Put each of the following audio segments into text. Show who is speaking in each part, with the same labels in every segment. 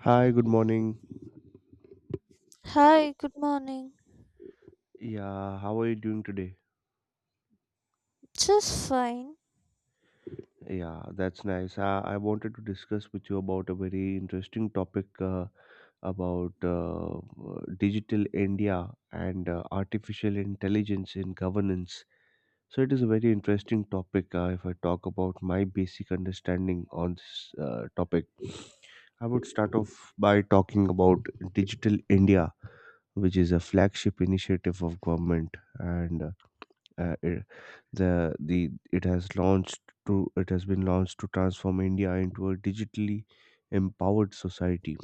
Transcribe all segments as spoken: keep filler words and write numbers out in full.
Speaker 1: Hi, good morning.
Speaker 2: Hi, good morning.
Speaker 1: Yeah, how are you doing today?
Speaker 2: Just fine.
Speaker 1: Yeah, that's nice. I, I wanted to discuss with you about a very interesting topic uh, about uh, uh, digital India and uh, artificial intelligence in governance. So, it is a very interesting topic. Uh, if I talk about my basic understanding on this uh, topic, I would start off by talking about digital India. Which is a flagship initiative of government and uh, uh, it, the the it has launched to it has been launched to transform India into a digitally empowered society.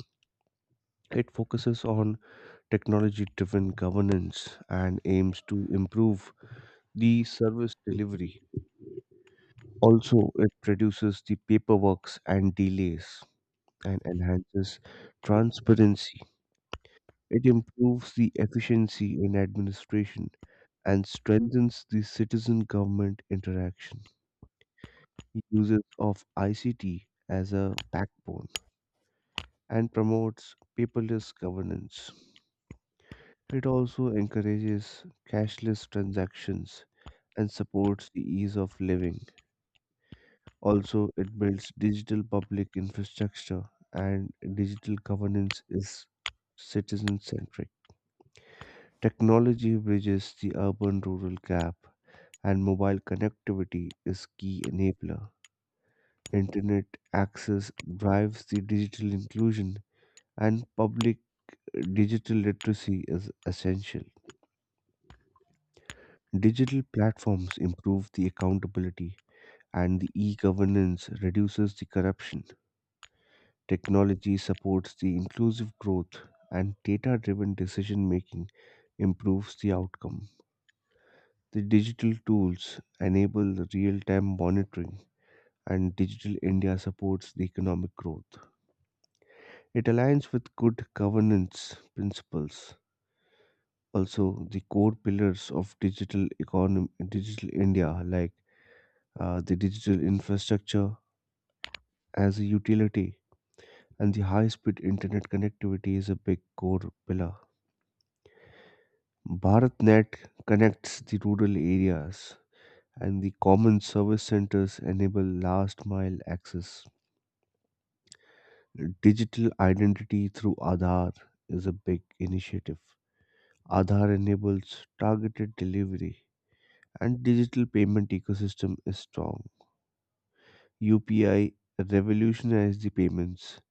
Speaker 1: It focuses on technology driven governance and aims to improve the service delivery. Also, it reduces the paperwork and delays and enhances transparency. It improves the efficiency in administration and strengthens the citizen government interaction. He uses of I C T as a backbone and promotes paperless governance. It also encourages cashless transactions and supports the ease of living. Also, it builds digital public infrastructure and digital governance is citizen centric. Technology bridges the urban rural gap and mobile connectivity is key enabler. Internet access drives the digital inclusion, and public digital literacy is essential. Digital platforms improve the accountability, and the e governance reduces the corruption. Technology supports the inclusive growth, and data driven decision making improves the outcome. The digital tools enable real time monitoring, and Digital India supports the economic growth. It aligns with good governance principles, also the core pillars of digital economy digital india like uh, the digital infrastructure as a utility and the high speed internet connectivity is a big core pillar. Bharatnet connects the rural areas, and the common service centers enable last mile access. Digital identity through aadhaar is a big initiative. Aadhaar enables targeted delivery, and digital payment ecosystem is strong. U P I revolutionized the payments,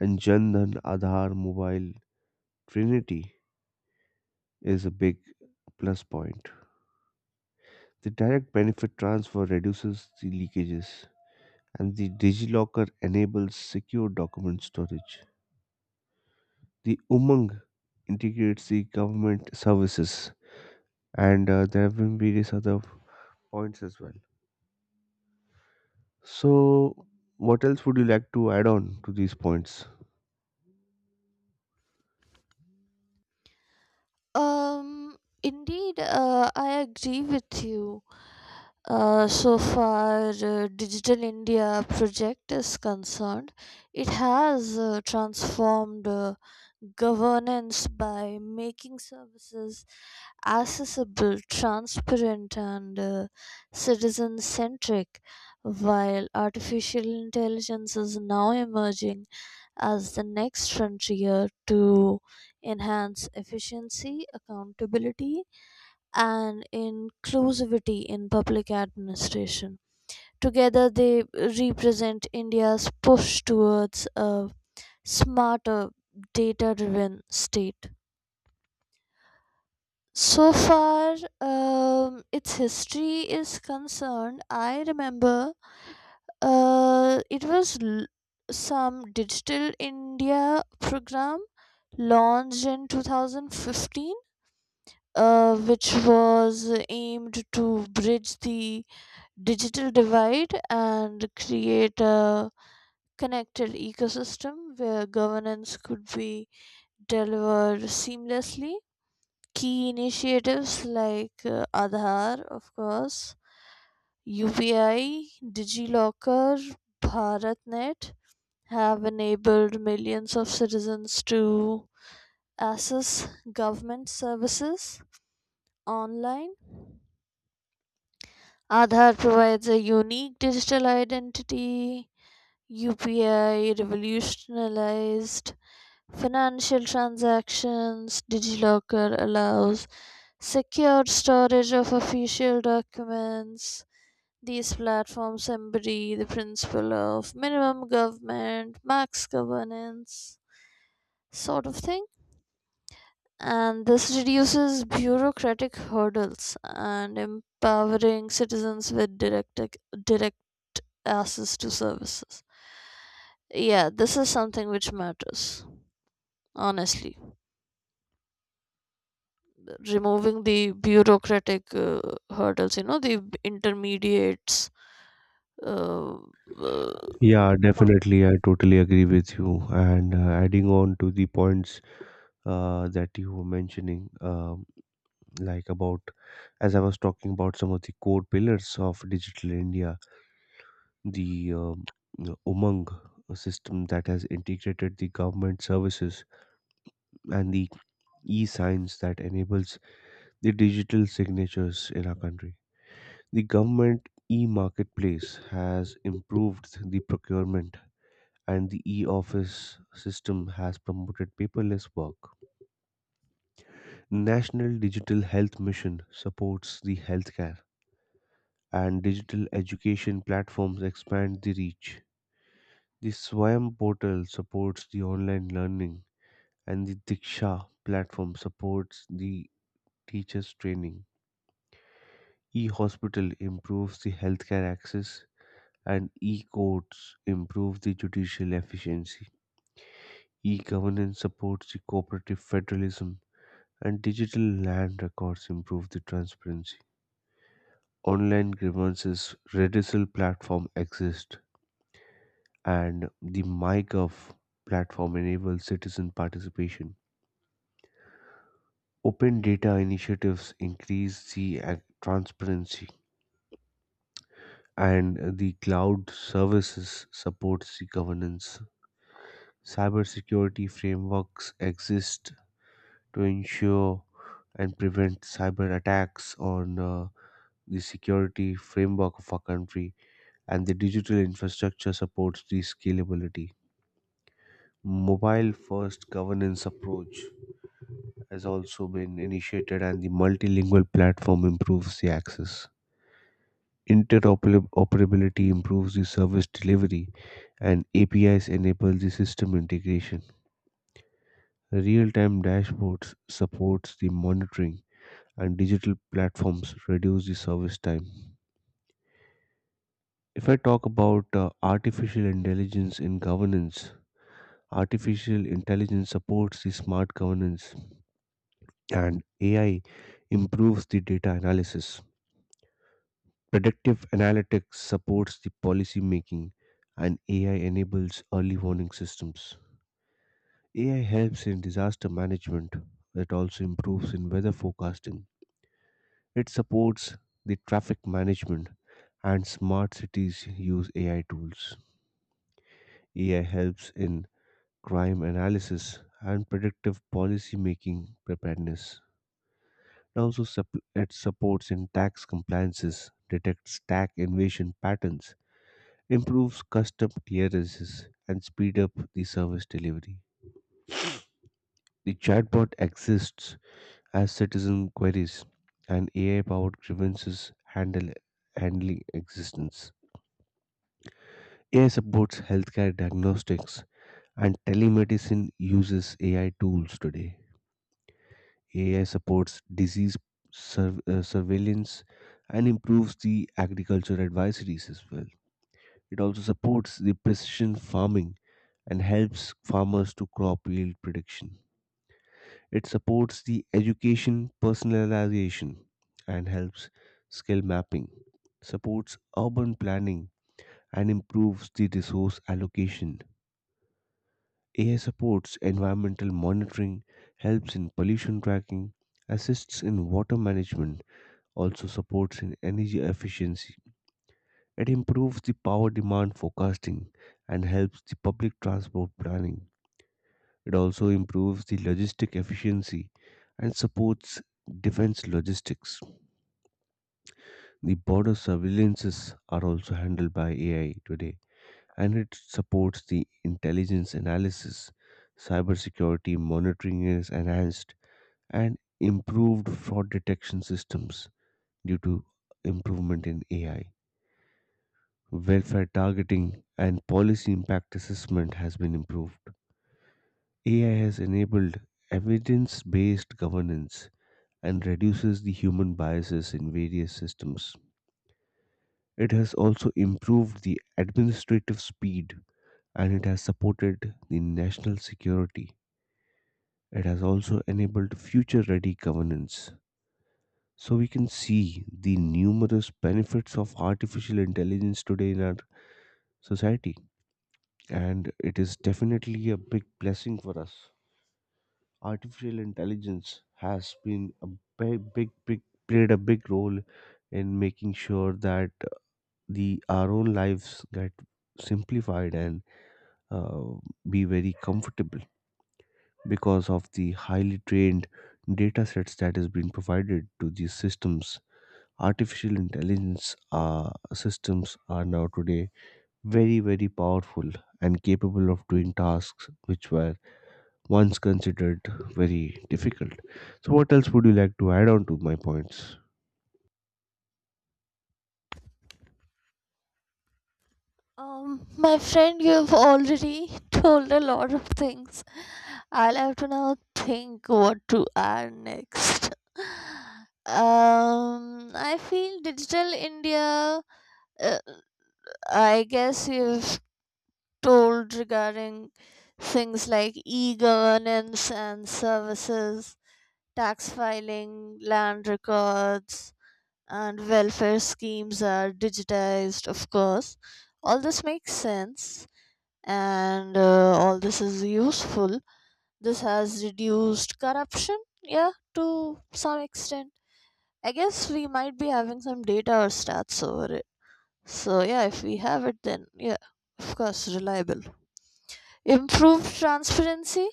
Speaker 1: and Jan Dhan Aadhaar Mobile Trinity is a big plus point. The direct benefit transfer reduces the leakages, and the DigiLocker enables secure document storage. The Umang integrates the government services, and uh, there have been various other points as well. So, what else would you like to add on to these points?
Speaker 2: Um, Indeed, uh, I agree with you. Uh, so far, uh, Digital India project is concerned, it has uh, transformed uh, governance by making services accessible, transparent, and uh, citizen centric, while artificial intelligence is now emerging as the next frontier to enhance efficiency, accountability, and inclusivity in public administration. Together, they represent India's push towards a smarter, data driven state. So far, um, its history is concerned, I remember uh, it was l- some Digital India program launched in two thousand fifteen, uh, which was aimed to bridge the digital divide and create a connected ecosystem where governance could be delivered seamlessly. Key initiatives like uh, Aadhaar, of course, U P I, DigiLocker, BharatNet have enabled millions of citizens to access government services online. Aadhaar provides a unique digital identity. U P I revolutionized financial transactions. DigiLocker allows secured storage of official documents. These platforms embody the principle of minimum government, max governance sort of thing. And this reduces bureaucratic hurdles and empowering citizens with direct, direct access to services. Yeah, this is something which matters, honestly. Removing the bureaucratic uh, hurdles, you know, the intermediates uh, uh,
Speaker 1: Yeah, definitely. I totally agree with you. And uh, adding on to the points uh, that you were mentioning, um, like about, as I was talking about some of the core pillars of Digital India, the um, Umang system that has integrated the government services and the e signs that enables the digital signatures in our country. The government e marketplace has improved the procurement and the e-office system has promoted paperless work. National Digital Health Mission supports the healthcare, and digital education platforms expand the reach. The Swayam portal supports the online learning, and the Diksha platform supports the teachers' training. E-hospital improves the healthcare access, and e-courts improve the judicial efficiency. E-governance supports the cooperative federalism and digital land records improve the transparency. Online grievances redressal platform exist, and the MyGov platform enables citizen participation. Open data initiatives increase the ac- transparency, and the cloud services supports the governance. Cybersecurity frameworks exist to ensure and prevent cyber attacks on uh, the security framework of our country, and the digital infrastructure supports the scalability. Mobile first governance approach has also been initiated, and the multilingual platform improves the access. Interoperability improves the service delivery, and A P Is enable the system integration. Real time dashboards supports the monitoring, and digital platforms reduce the service time. If I talk about uh, artificial intelligence in governance, artificial intelligence supports the smart governance, and A I improves the data analysis. Predictive analytics supports the policy making, and A I enables early warning systems. A I helps in disaster management. It also improves in weather forecasting. It supports the traffic management, and smart cities use A I tools. A I helps in crime analysis and predictive policy making preparedness. It also sup- it supports in tax compliances, detects tax invasion patterns, improves custom clearances, and speed up the service delivery. The chatbot exists as citizen queries, and A I-powered grievances handle handling existence. A I supports healthcare diagnostics, and telemedicine uses A I tools today. A I supports disease surv- uh, surveillance and improves the agriculture advisories as well. It also supports the precision farming and helps farmers to crop yield prediction. It supports the education personalization and helps skill mapping, supports urban planning and improves the resource allocation. A I supports environmental monitoring, helps in pollution tracking, assists in water management, also supports in energy efficiency. It improves the power demand forecasting and helps the public transport planning. It also improves the logistic efficiency and supports defense logistics. The border surveillances are also handled by A I today, and it supports the intelligence analysis. Cybersecurity monitoring is enhanced, and improved fraud detection systems due to improvement in A I. Welfare targeting and policy impact assessment has been improved. A I has enabled evidence based governance and reduces the human biases in various systems. It has also improved the administrative speed, and it has supported the national security. It has also enabled future ready governance. So we can see the numerous benefits of artificial intelligence today in our society, and it is definitely a big blessing for us. Artificial intelligence has been a big, big, big played a big role in making sure that the our own lives get simplified and uh, be very comfortable. Because of the highly trained data sets that has been provided to these systems, artificial intelligence uh, systems are now today very very powerful and capable of doing tasks which were once considered very difficult. So what else would you like to add on to my points?
Speaker 2: um, my friend, you've already told a lot of things. I'll have to now think what to add next. Um, I feel Digital India, uh, I guess you've told regarding things like e governance and services, tax filing, land records, and welfare schemes are digitized, of course. All this makes sense and uh, all this is useful. This has reduced corruption, yeah, to some extent. I guess we might be having some data or stats over it. So, yeah, if we have it, then yeah, of course, reliable. Improved transparency.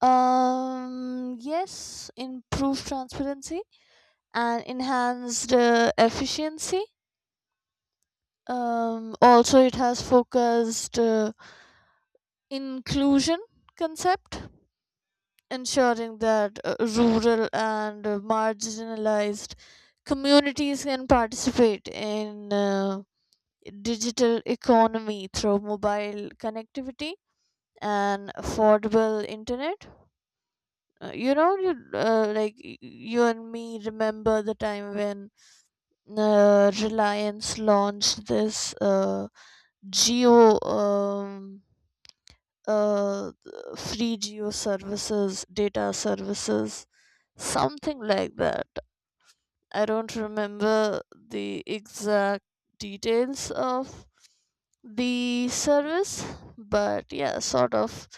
Speaker 2: Um, yes, improved transparency and enhanced uh, efficiency. Um, also, it has focused uh, inclusion concept, ensuring that uh, rural and uh, marginalized communities can participate in uh, digital economy through mobile connectivity and affordable internet. Uh, you know, you, uh, like y- you and me remember the time when uh, Reliance launched this uh, geo. Um, uh, Free geo services, data services, something like that. I don't remember the exact details of the service, but yeah, sort of,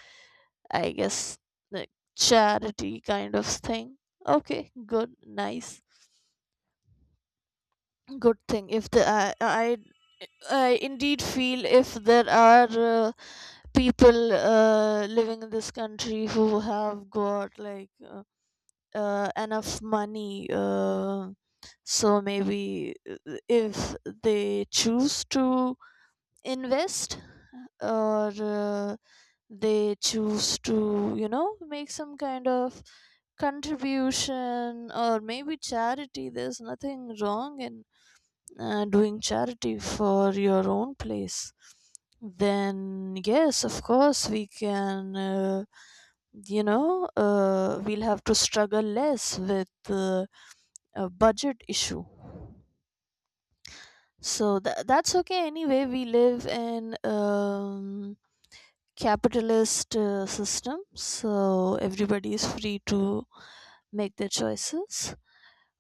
Speaker 2: I guess, like charity kind of thing. Okay, good, nice, good thing. If the I I, I indeed feel if there are uh, people uh, living in this country who have got like uh, uh, enough money uh, so maybe uh, if they choose to invest or uh, they choose to, you know, make some kind of contribution or maybe charity. There's nothing wrong in uh, doing charity for your own place, then yes, of course, we can, uh, you know, uh, we'll have to struggle less with uh, a budget issue. So tha that's okay. Anyway, we live in um, capitalist uh, system, so everybody is free to make their choices,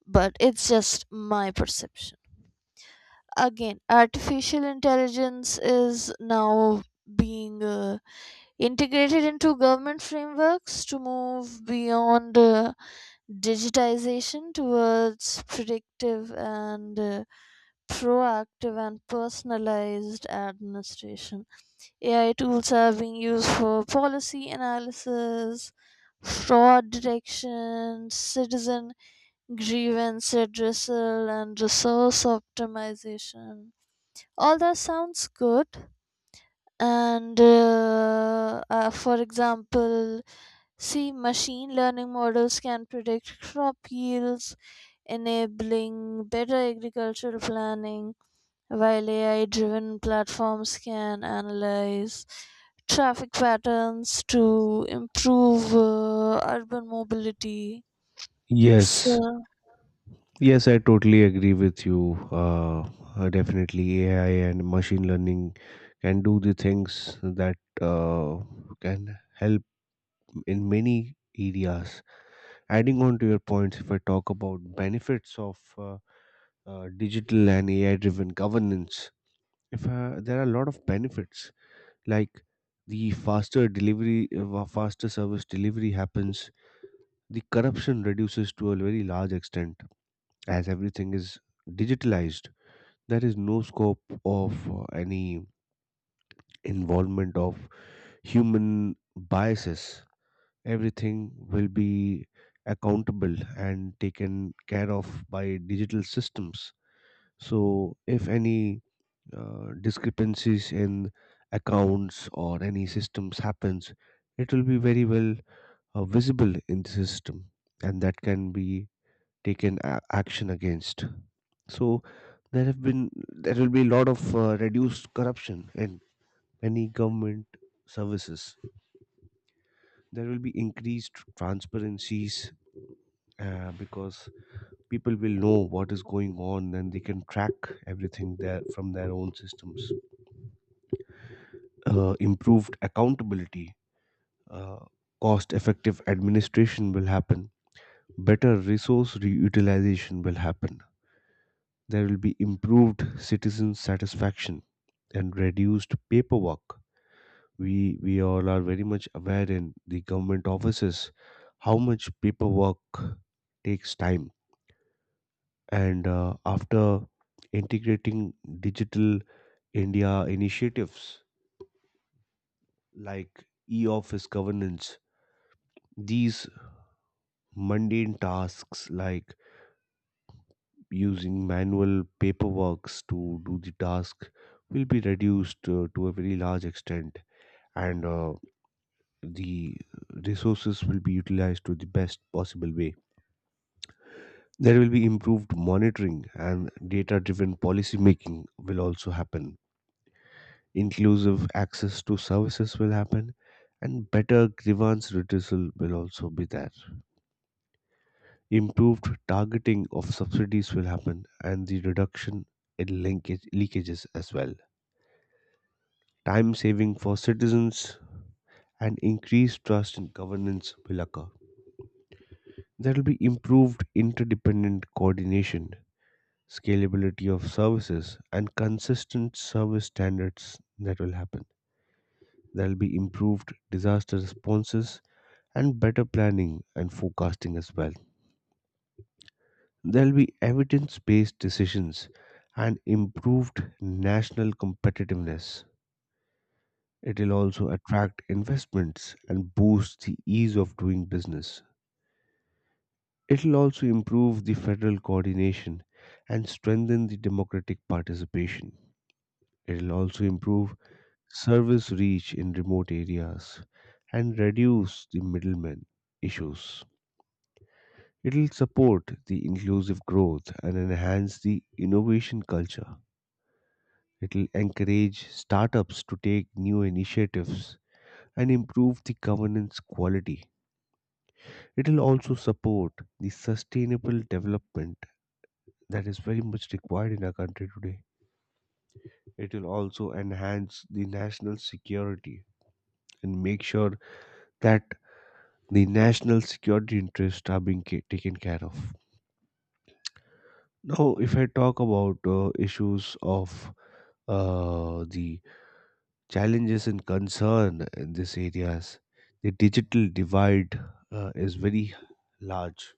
Speaker 2: but it's just my perception. Again, artificial intelligence is now being uh, integrated into government frameworks to move beyond uh, digitization towards predictive and uh, proactive and personalized administration. A I tools are being used for policy analysis, fraud detection, citizen grievance addressal, and resource optimization. All that sounds good. And uh, uh, for example, see, machine learning models can predict crop yields, enabling better agricultural planning, while AI driven platforms can analyze traffic patterns to improve uh, urban mobility.
Speaker 1: Yes.
Speaker 2: So
Speaker 1: Yes, I totally agree with you. Uh, uh, definitely, A I and machine learning can do the things that uh, can help in many areas. Adding on to your points, if I talk about benefits of uh, uh, digital and A I-driven governance, if uh, there are a lot of benefits like the faster delivery, uh, faster service delivery happens, the corruption reduces to a very large extent as everything is digitalized. There is no scope of uh, any involvement of human biases. Everything will be accountable and taken care of by digital systems. So if any uh, discrepancies in accounts or any systems happens, it will be very well uh, visible in the system, and that can be taken a- action against. So there have been there will be a lot of uh, reduced corruption in many government services. There will be increased transparencies uh, because people will know what is going on and they can track everything there from their own systems. Uh, improved accountability, uh, cost-effective administration will happen. Better resource reutilization will happen. There will be improved citizen satisfaction and reduced paperwork. We we all are very much aware in the government offices how much paperwork takes time. And uh, after integrating digital India initiatives like e-office governance, these mundane tasks like using manual paperworks to do the task will be reduced uh, to a very large extent, and uh, the resources will be utilized to the best possible way. There will be improved monitoring, and data driven policy making will also happen. Inclusive access to services will happen, and better grievance redressal will also be there. Improved targeting of subsidies will happen, and the reduction in linkage, leakages as well. Time saving for citizens and increased trust in governance will occur. There will be improved interdependent coordination, scalability of services, and consistent service standards that will happen. There will be improved disaster responses and better planning and forecasting as well. There will be evidence based decisions and improved national competitiveness. It will also attract investments and boost the ease of doing business. It'll also improve the federal coordination and strengthen the democratic participation. It'll also improve service reach in remote areas and reduce the middlemen issues. It'll support the inclusive growth and enhance the innovation culture. It'll encourage startups to take new initiatives and improve the governance quality. It'll also support the sustainable development that is very much required in our country today. It will also enhance the national security and make sure that the national security interests are being ca- taken care of. Now, if I talk about uh, issues of uh, the challenges and concern in these areas, the digital divide uh, is very large.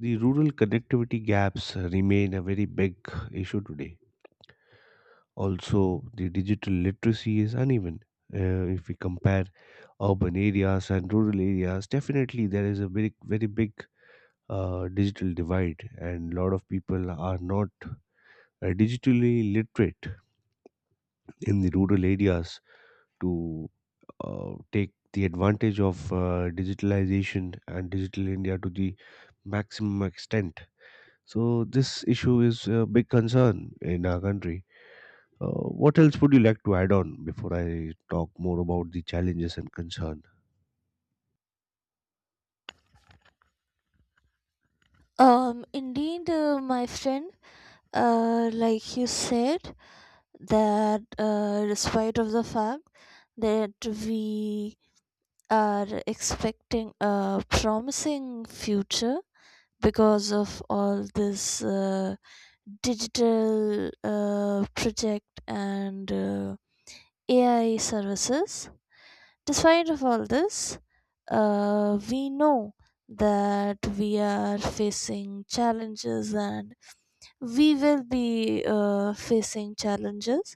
Speaker 1: The rural connectivity gaps remain a very big issue today. Also, the digital literacy is uneven. Uh, if we compare urban areas and rural areas, definitely there is a very, very big uh, digital divide, and a lot of people are not uh, digitally literate in the rural areas to uh, take the advantage of uh, digitalization and digital India to the maximum extent. So, this issue is a big concern in our country. Uh, what else would you like to add on before I talk more about the challenges and concern?
Speaker 2: um indeed, uh, my friend, uh, like you said that uh, despite of the fact that we are expecting a promising future because of all this uh, digital uh, project and uh, A I services. Despite of all this, uh, we know that we are facing challenges and we will be uh, facing challenges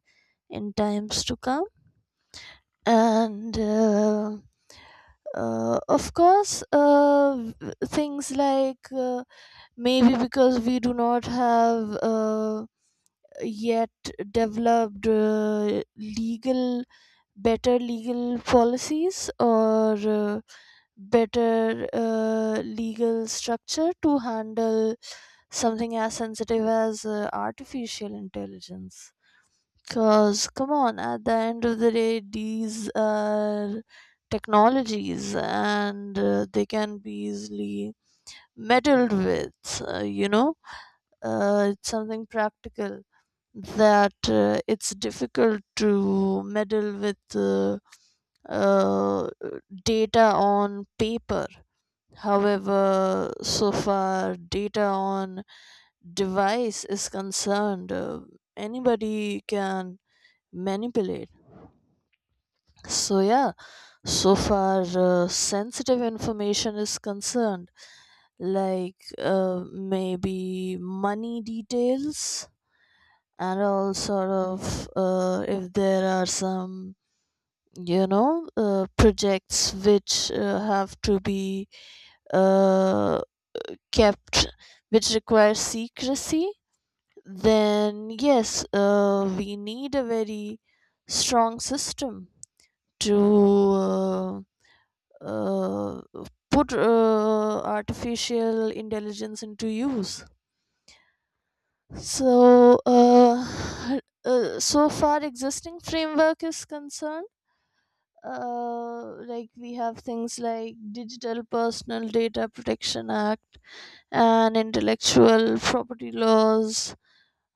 Speaker 2: in times to come. And uh, uh, of course, uh, v- things like, uh, maybe because we do not have uh, yet developed uh, legal, better legal policies or uh, better uh, legal structure to handle something as sensitive as uh, artificial intelligence. Cause come on, at the end of the day, these are technologies, and uh, they can be easily meddled with. Uh, you know, uh, it's something practical that uh, it's difficult to meddle with uh, uh, data on paper. However, so far data on device is concerned, uh, anybody can manipulate. So yeah, so far uh, sensitive information is concerned, like uh, maybe money details and all sort of uh, if there are some, you know, uh, projects which uh, have to be uh, kept, which require secrecy, then yes, uh, we need a very strong system to. Uh, uh, Put uh, artificial intelligence into use. So uh, uh, so far existing framework is concerned, uh, like we have things like digital personal data protection act and intellectual property laws.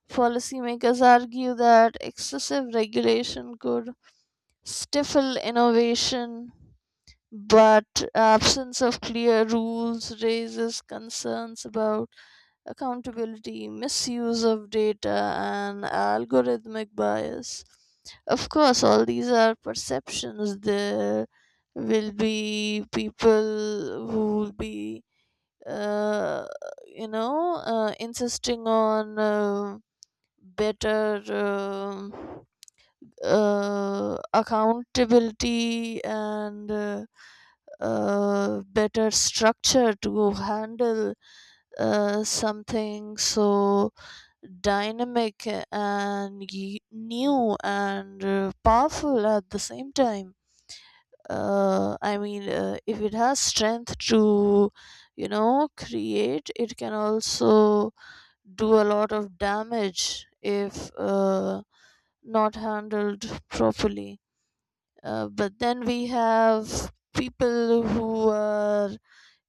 Speaker 2: Policymakers argue that excessive regulation could stifle innovation, but absence of clear rules raises concerns about accountability, misuse of data, and algorithmic bias. Of course, all these are perceptions. There will be people who will be, uh, you know, uh, insisting on uh, better um uh, accountability and uh, uh, better structure to handle uh, something so dynamic and y- new and uh, powerful at the same time. Uh, I mean, uh, if it has strength to, you know, create, it can also do a lot of damage if uh, not handled properly. Uh, but then we have people who are,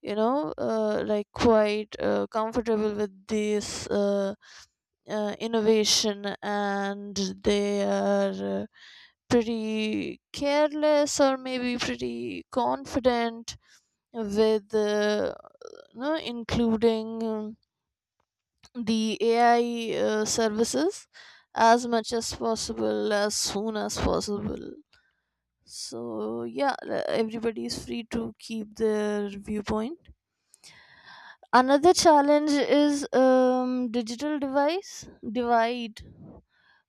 Speaker 2: you know, uh, like quite uh, comfortable with this uh, uh, innovation, and they are uh, pretty careless or maybe pretty confident with uh, you know, including um, the A I uh, services as much as possible as soon as possible. So yeah, everybody is free to keep their viewpoint. Another challenge is um, digital device divide.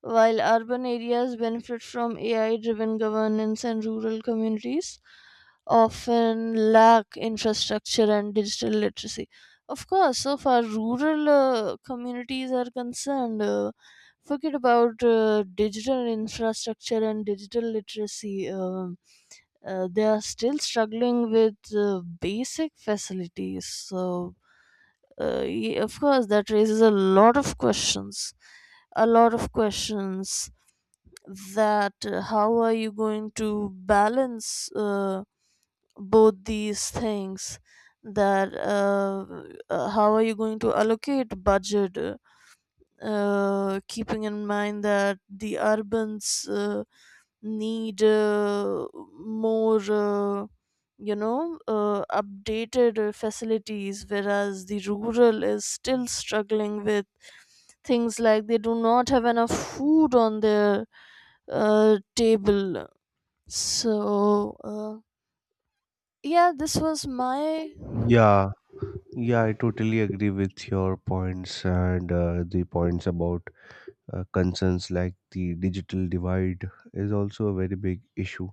Speaker 2: While urban areas benefit from A I driven governance and rural communities often lack infrastructure and digital literacy. Of course, so far rural uh, communities are concerned, uh, forget about uh, digital infrastructure and digital literacy. Um uh, they are still struggling with uh, basic facilities. So, uh, ye- of course that raises a lot of questions a lot of questions, that uh, how are you going to balance uh, both these things, that uh, uh, how are you going to allocate budget, uh, uh, keeping in mind that the urbans uh, need uh, more, uh, you know, uh, updated uh, facilities, whereas the rural is still struggling with things like they do not have enough food on their uh, table. So, uh, yeah, this was my.
Speaker 1: Yeah, yeah, I totally agree with your points, and uh, the points about uh, concerns like the digital divide is also a very big issue.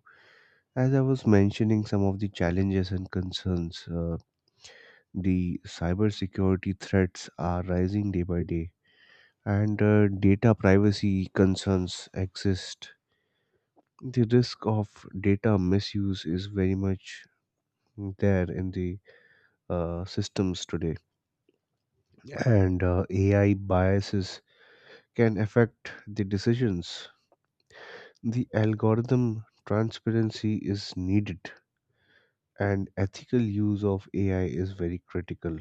Speaker 1: As I was mentioning some of the challenges and concerns, uh, the cybersecurity threats are rising day by day, and uh, data privacy concerns exist. The risk of data misuse is very much there in the uh, systems today, and uh, A I biases can affect the decisions. The algorithm transparency is needed, and ethical use of A I is very critical.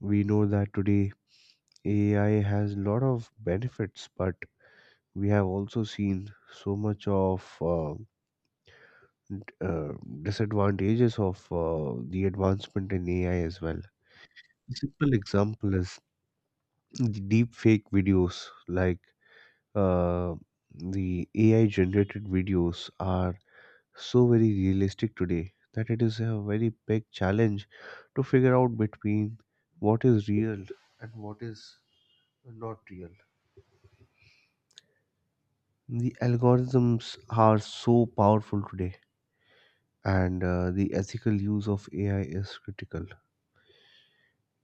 Speaker 1: We know that today A I has a lot of benefits, but we have also seen so much of uh, d- uh, disadvantages of uh, the advancement in A I as well. Simple example is the deep fake videos, like uh, the A I generated videos, are so very realistic today that it is a very big challenge to figure out between what is real and what is not real. The algorithms are so powerful today, and uh, the ethical use of A I is critical.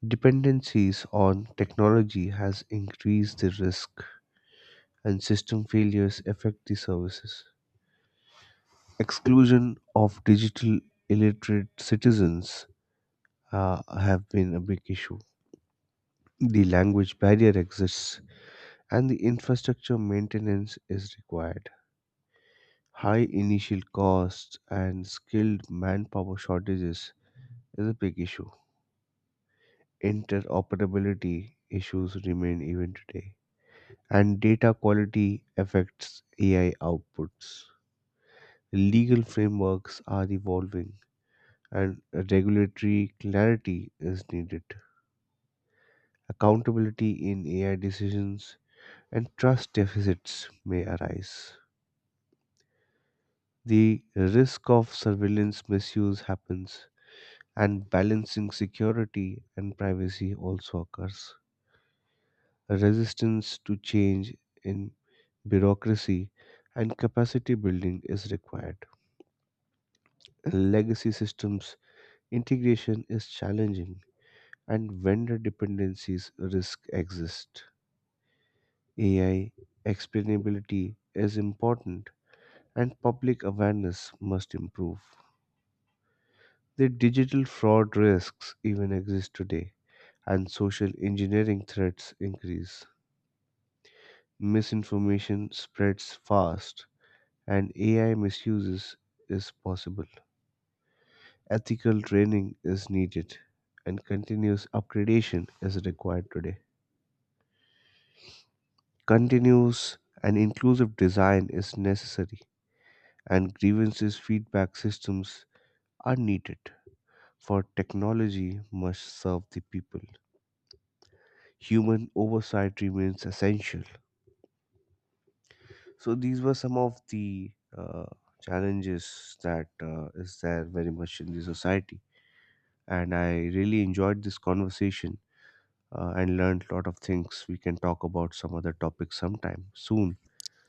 Speaker 1: Dependencies on technology has increased the risk, and system failures affect the services. Exclusion of digital illiterate citizens uh, have been a big issue. The language barrier exists, and the infrastructure maintenance is required. High initial costs and skilled manpower shortages is a big issue. Interoperability issues remain even today, and data quality affects A I outputs. Legal frameworks are evolving, and regulatory clarity is needed. Accountability in A I decisions and trust deficits may arise. The risk of surveillance misuse happens, and balancing security and privacy also occurs. Resistance to change in bureaucracy and capacity building is required. Legacy systems integration is challenging, and vendor dependencies risk exist. A I explainability is important, and public awareness must improve. The digital fraud risks even exist today, and social engineering threats increase. Misinformation spreads fast, and A I misuses is possible. Ethical training is needed, and continuous upgradation is required today. Continuous and inclusive design is necessary, and grievances feedback systems are needed, for technology must serve the people. Human oversight remains essential. So these were some of the uh, challenges that uh, is there very much in the society. And I really enjoyed this conversation uh, and learned a lot of things. We can talk about some other topics sometime soon.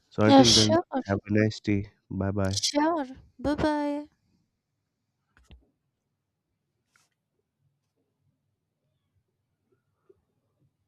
Speaker 1: So
Speaker 2: Yeah,
Speaker 1: until then,
Speaker 2: sure,
Speaker 1: have a nice day. Bye bye.
Speaker 2: sure. Bye bye.